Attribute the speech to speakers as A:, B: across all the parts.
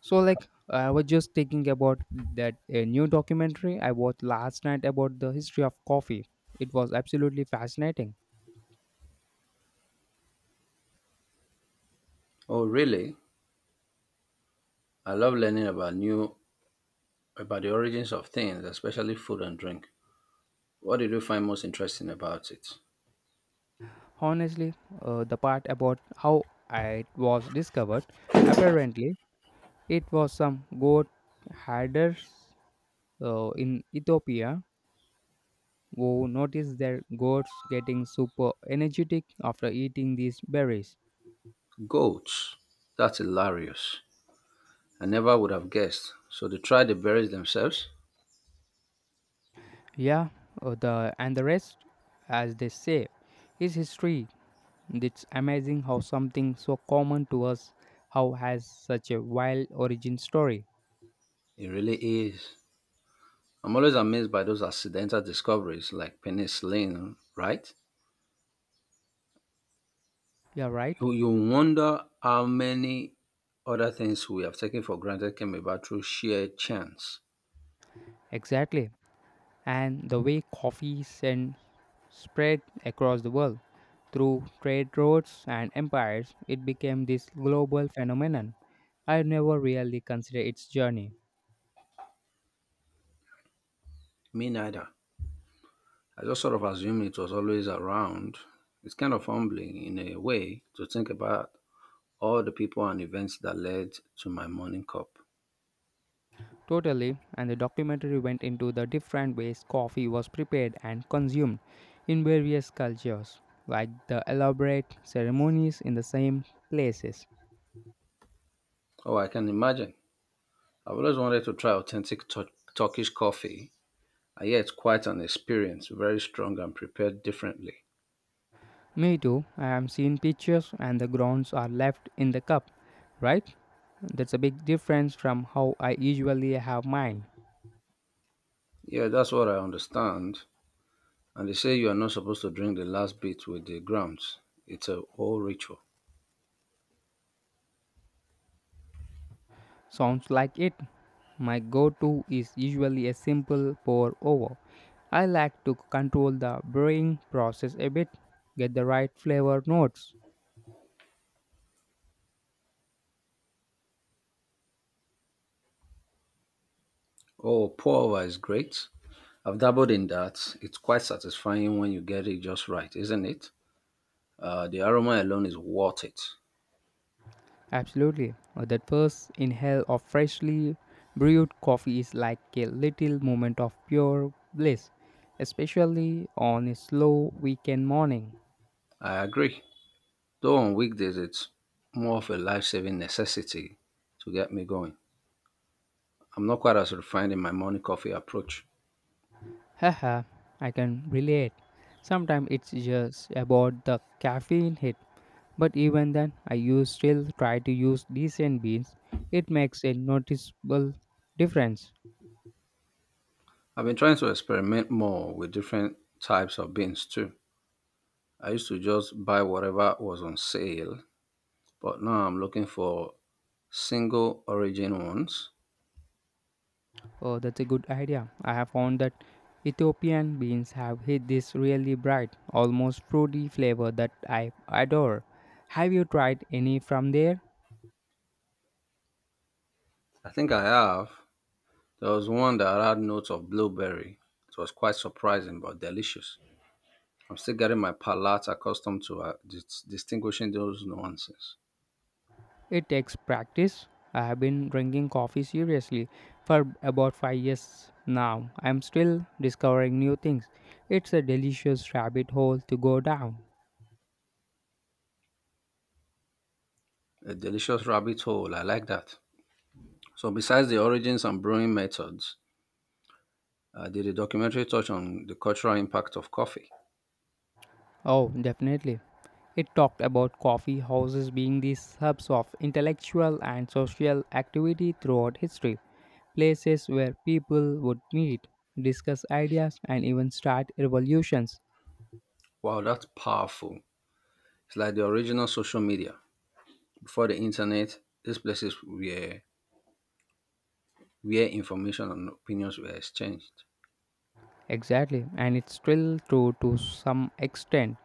A: So I was just thinking about that a new documentary I watched last night about the history of coffee. It was absolutely fascinating.
B: Oh, really? I love learning about new about the origins of things, especially food and drink. What did you find most interesting about it?
A: Honestly, the part about how it was discovered, apparently it was some goat herders in Ethiopia who noticed their goats getting super energetic after eating these berries.
B: Goats. That's hilarious. I never would have guessed. So they try the berries themselves?
A: Yeah, the and the rest, as they say, is history. It's amazing how something so common to us how has such a wild origin story.
B: It really is. I'm always amazed by those accidental discoveries like penicillin, right?
A: Yeah, right?
B: You wonder how many other things we have taken for granted came about through sheer chance.
A: Exactly. And the way spread across the world through trade routes and empires, it became this global phenomenon. I never really considered its journey.
B: Me neither. I just sort of assumed it was always around. It's kind of humbling in a way to think about all the people and events that led to my morning cup.
A: Totally, and the documentary went into the different ways coffee was prepared and consumed in various cultures, like the elaborate ceremonies in the same places.
B: Oh, I can imagine. I've always wanted to try Turkish coffee, and yeah, it's quite an experience, very strong and prepared differently.
A: Me too, I have seen pictures and the grounds are left in the cup, right? That's a big difference from how I usually have mine.
B: Yeah, that's what I understand. And they say you are not supposed to drink the last bit with the grounds. It's a whole ritual.
A: Sounds like it. My go to is usually a simple pour over. I like to control the brewing process a bit, get the right flavor notes.
B: Oh, pour over is great. I've dabbled in that. It's quite satisfying when you get it just right, isn't it? The aroma alone is worth it.
A: Absolutely. That first inhale of freshly brewed coffee is like a little moment of pure bliss, especially on a slow weekend morning.
B: I agree. Though on weekdays, it's more of a life saving necessity to get me going. I'm not quite as refined in my morning coffee approach.
A: Haha, I can relate. Sometimes it's just about the caffeine hit, but even then, I use still try to use decent beans. It makes a noticeable difference.
B: I've been trying to experiment more with different types of beans too. I used to just buy whatever was on sale, but now I'm looking for single origin ones.
A: Oh, that's a good idea. I have found that Ethiopian beans have hit this really bright, almost fruity flavor that I adore. Have you tried any from there?
B: I think I have. There was one that had notes of blueberry. It was quite surprising but delicious. I'm still getting my palate accustomed to distinguishing those nuances.
A: It takes practice. I have been drinking coffee seriously for about 5 years now. I'm still discovering new things. It's a delicious rabbit hole to go down.
B: A delicious rabbit hole, I like that. So, besides the origins and brewing methods, did the documentary touch on the cultural impact of coffee?
A: Oh, definitely. It talked about coffee houses being these hubs of intellectual and social activity throughout history, places where people would meet, discuss ideas, and even start revolutions.
B: Wow, that's powerful. It's like the original social media. Before the internet, these places were where information and opinions were exchanged.
A: Exactly, and it's still true to some extent.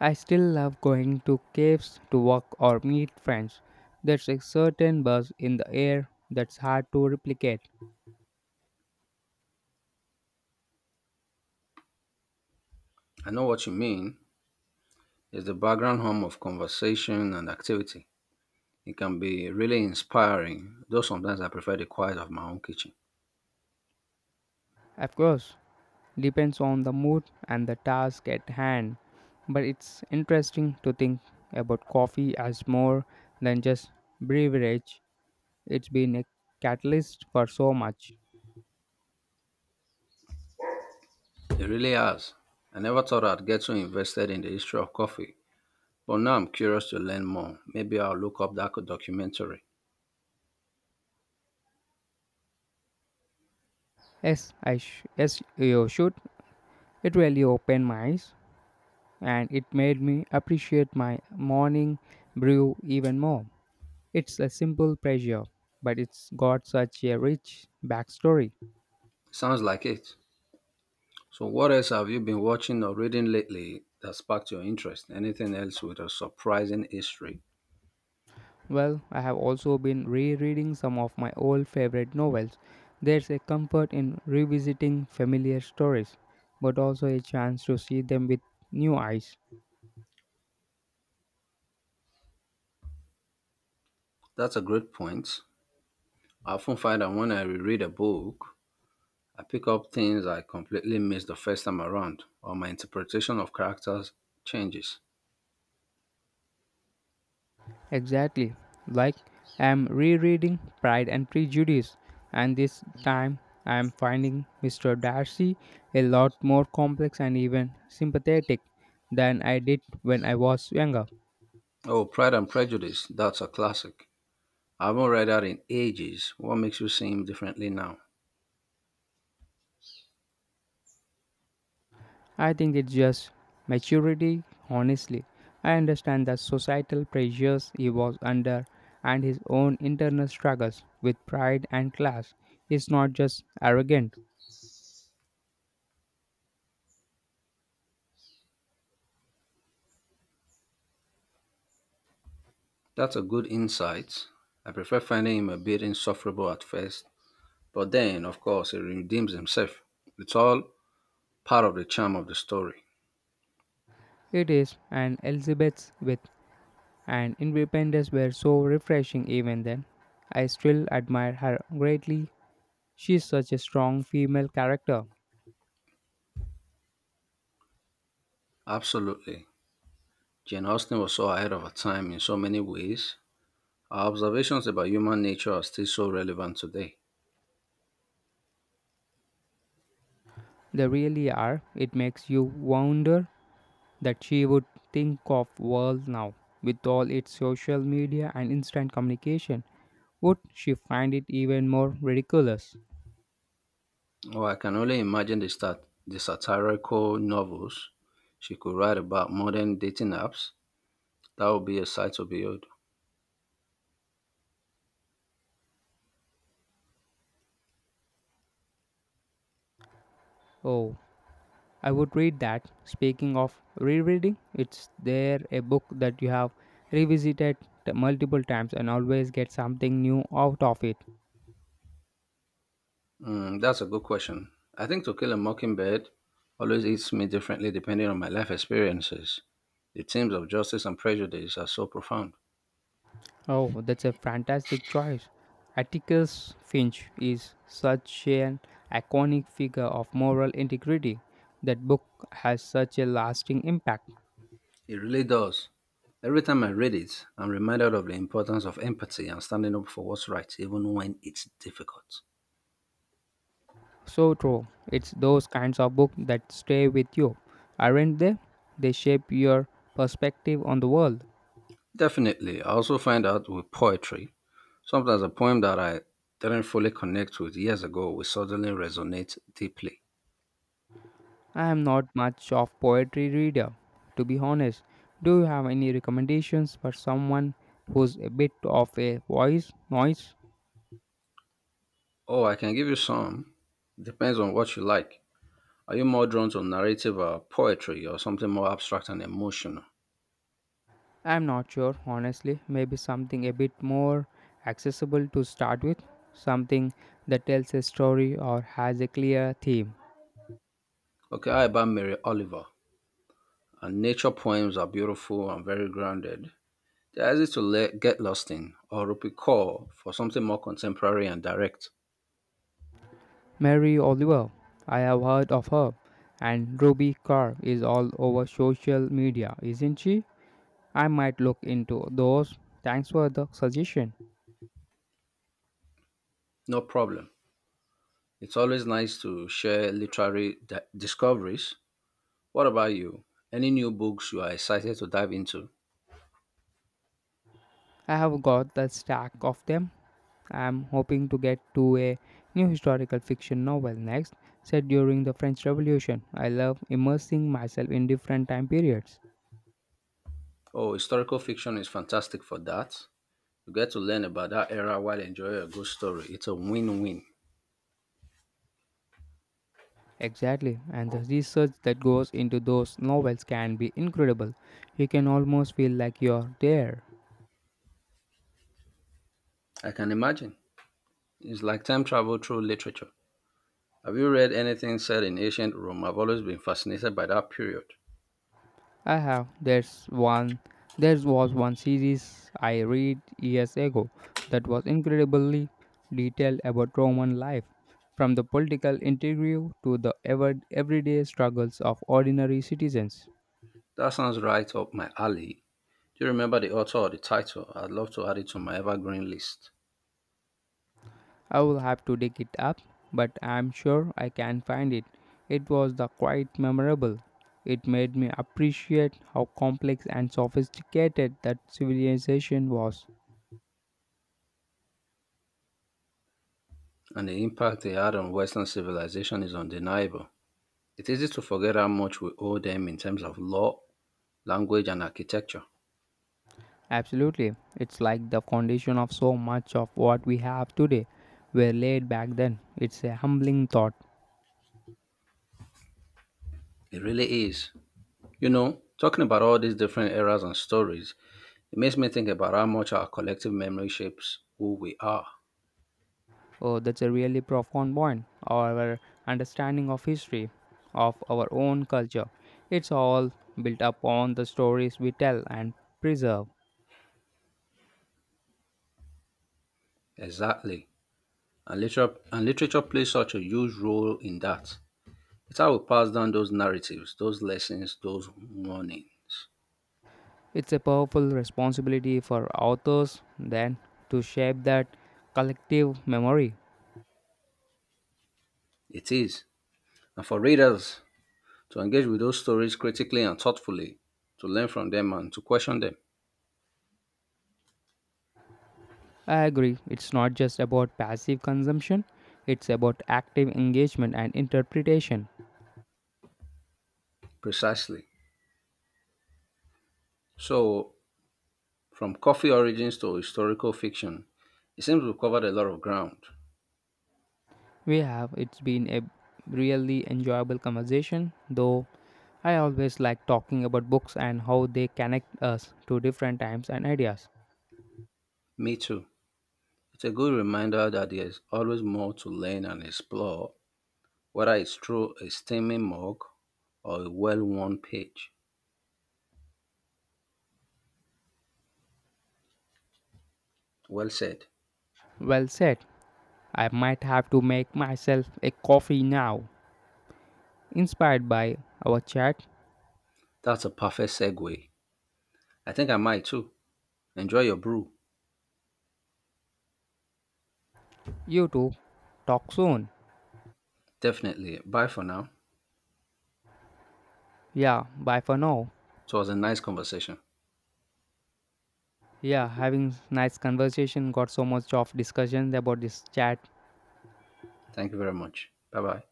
A: I still love going to caves to work or meet friends. There's a certain buzz in the air that's hard to replicate.
B: I know what you mean. It's the background hum of conversation and activity. It can be really inspiring, though sometimes I prefer the quiet of my own kitchen.
A: Of course, depends on the mood and the task at hand. But it's interesting to think about coffee as more than just beverage. It's been a catalyst for so much.
B: It really has. I never thought I'd get so invested in the history of coffee, but now I'm curious to learn more. Maybe I'll look up that documentary.
A: Yes you should. It really opened my eyes and it made me appreciate my morning brew even more. It's a simple pleasure, but it's got such a rich backstory.
B: Sounds like it. So, what else have you been watching or reading lately that sparked your interest? Anything else with a surprising history?
A: Well, I have also been rereading some of my old favorite novels. There's a comfort in revisiting familiar stories, but also a chance to see them with new eyes.
B: That's a great point. I often find that when I reread a book, I pick up things I completely missed the first time around, or my interpretation of characters changes.
A: Exactly. Like, I'm rereading Pride and Prejudice, and this time I'm finding Mr. Darcy a lot more complex and even sympathetic than I did when I was younger.
B: Oh, Pride and Prejudice, that's a classic. I haven't read that in ages. What makes you see him differently now?
A: I think it's just maturity, honestly. I understand the societal pressures he was under and his own internal struggles with pride and class. He's not just arrogant,
B: That's a good insight. I prefer finding him a bit insufferable at first, but then, of course, he redeems himself. It's all part of the charm of the story.
A: it is an Elizabeth's with an independence were so refreshing even then. I still admire her greatly. She's such a strong female character.
B: Absolutely. Jane Austen was so ahead of her time in so many ways. Our observations about human nature are still so relevant today.
A: They really are. It makes you wonder that she would think of world now with all its social media and instant communication would she find it even more ridiculous.
B: Oh, I can only imagine the satirical novels she could write about modern dating apps. That would be a sight to behold.
A: Oh, I would read that. Speaking of rereading, it's there a book that you have revisited multiple times and always get something new out of it?
B: Mm, that's a good question. I think To Kill a Mockingbird always hits me differently depending on my life experiences. The themes of justice and prejudice are so profound.
A: Oh, that's a fantastic choice. Atticus Finch is such an iconic figure of moral integrity. That book has such a lasting impact.
B: It really does. Every time I read it, I'm reminded of the importance of empathy and standing up for what's right, even when it's difficult.
A: So true. It's those kinds of books that stay with you, aren't they? They shape your perspective on the world.
B: Definitely, I also find out with poetry, sometimes a poem that I didn't fully connect with years ago will suddenly resonate deeply.
A: I am not much of poetry reader, to be honest. Do you have any recommendations for someone who's a bit of a voice noise?
B: Oh, I can give you some. Depends on what you like. Are you more drawn to narrative or poetry or something more abstract and emotional?
A: I'm not sure, honestly. Maybe something a bit more accessible to start with, something that tells a story or has a clear theme.
B: Okay, how about Mary Oliver? Her nature poems are beautiful and very grounded. They're easy to let, get lost in, or Rupi Kaur for something more contemporary and direct.
A: Mary Oliver, I have heard of her, and Ruby Carr is all over social media, isn't she? I might look into those. Thanks for the suggestion.
B: No problem. It's always nice to share discoveries. What about you? Any new books you are excited to dive into?
A: I have got the stack of them. I am hoping to get to a new historical fiction novel next, set during the French Revolution. I love immersing myself in different time periods.
B: Oh, historical fiction is fantastic for that. You get to learn about that era while enjoying a good story. It's a win win.
A: Exactly, and the research that goes into those novels can be incredible. You can almost feel like you're there.
B: I can imagine. It's like time travel through literature. Have you read anything set in ancient Rome? I've always been fascinated by that period.
A: I have. There was one series I read years ago that was incredibly detailed about Roman life, from the political intrigue to the everyday struggles of ordinary citizens.
B: That sounds right up my alley. Do you remember the author or the title? I'd love to add it to my evergreen list.
A: I will have to dig it up, but I'm sure I can find it. It was the quite memorable. It made me appreciate how complex and sophisticated that civilization was.
B: And the impact they had on Western civilization is undeniable. It's easy to forget how much we owe them in terms of law, language, and architecture.
A: Absolutely. It's like the foundation of so much of what we have today were laid back then. It's a humbling thought.
B: It really is. You know, talking about all these different eras and stories, it makes me think about how much our collective memory shapes who we are.
A: Oh, that's a really profound point. Our understanding of history, of our own culture, it's all built upon the stories we tell and preserve.
B: Exactly. And literature plays such a huge role in that. It's how we pass down those narratives, those lessons, those warnings.
A: It's a powerful responsibility for authors then to shape that collective memory.
B: It is. And for readers to engage with those stories critically and thoughtfully, to learn from them and to question them
A: I agree. It's not just about passive consumption, it's about active engagement and interpretation.
B: precisely. So, from coffee origins to historical fiction, it seems we've covered a lot of ground.
A: We have. It's been a really enjoyable conversation, though I always like talking about books and how they connect us to different times and ideas.
B: Me too. It's a good reminder that there's always more to learn and explore, whether it's through a steaming mug or a well worn page. Well said.
A: Well said. I might have to make myself a coffee now. Inspired by our chat,
B: That's a perfect segue. I think I might too. Enjoy your brew.
A: you too. Talk soon.
B: Definitely. Bye for now.
A: Yeah, bye for now.
B: It was a nice conversation.
A: Yeah, having nice conversation got so much of discussions about this chat.
B: Thank you very much. Bye bye.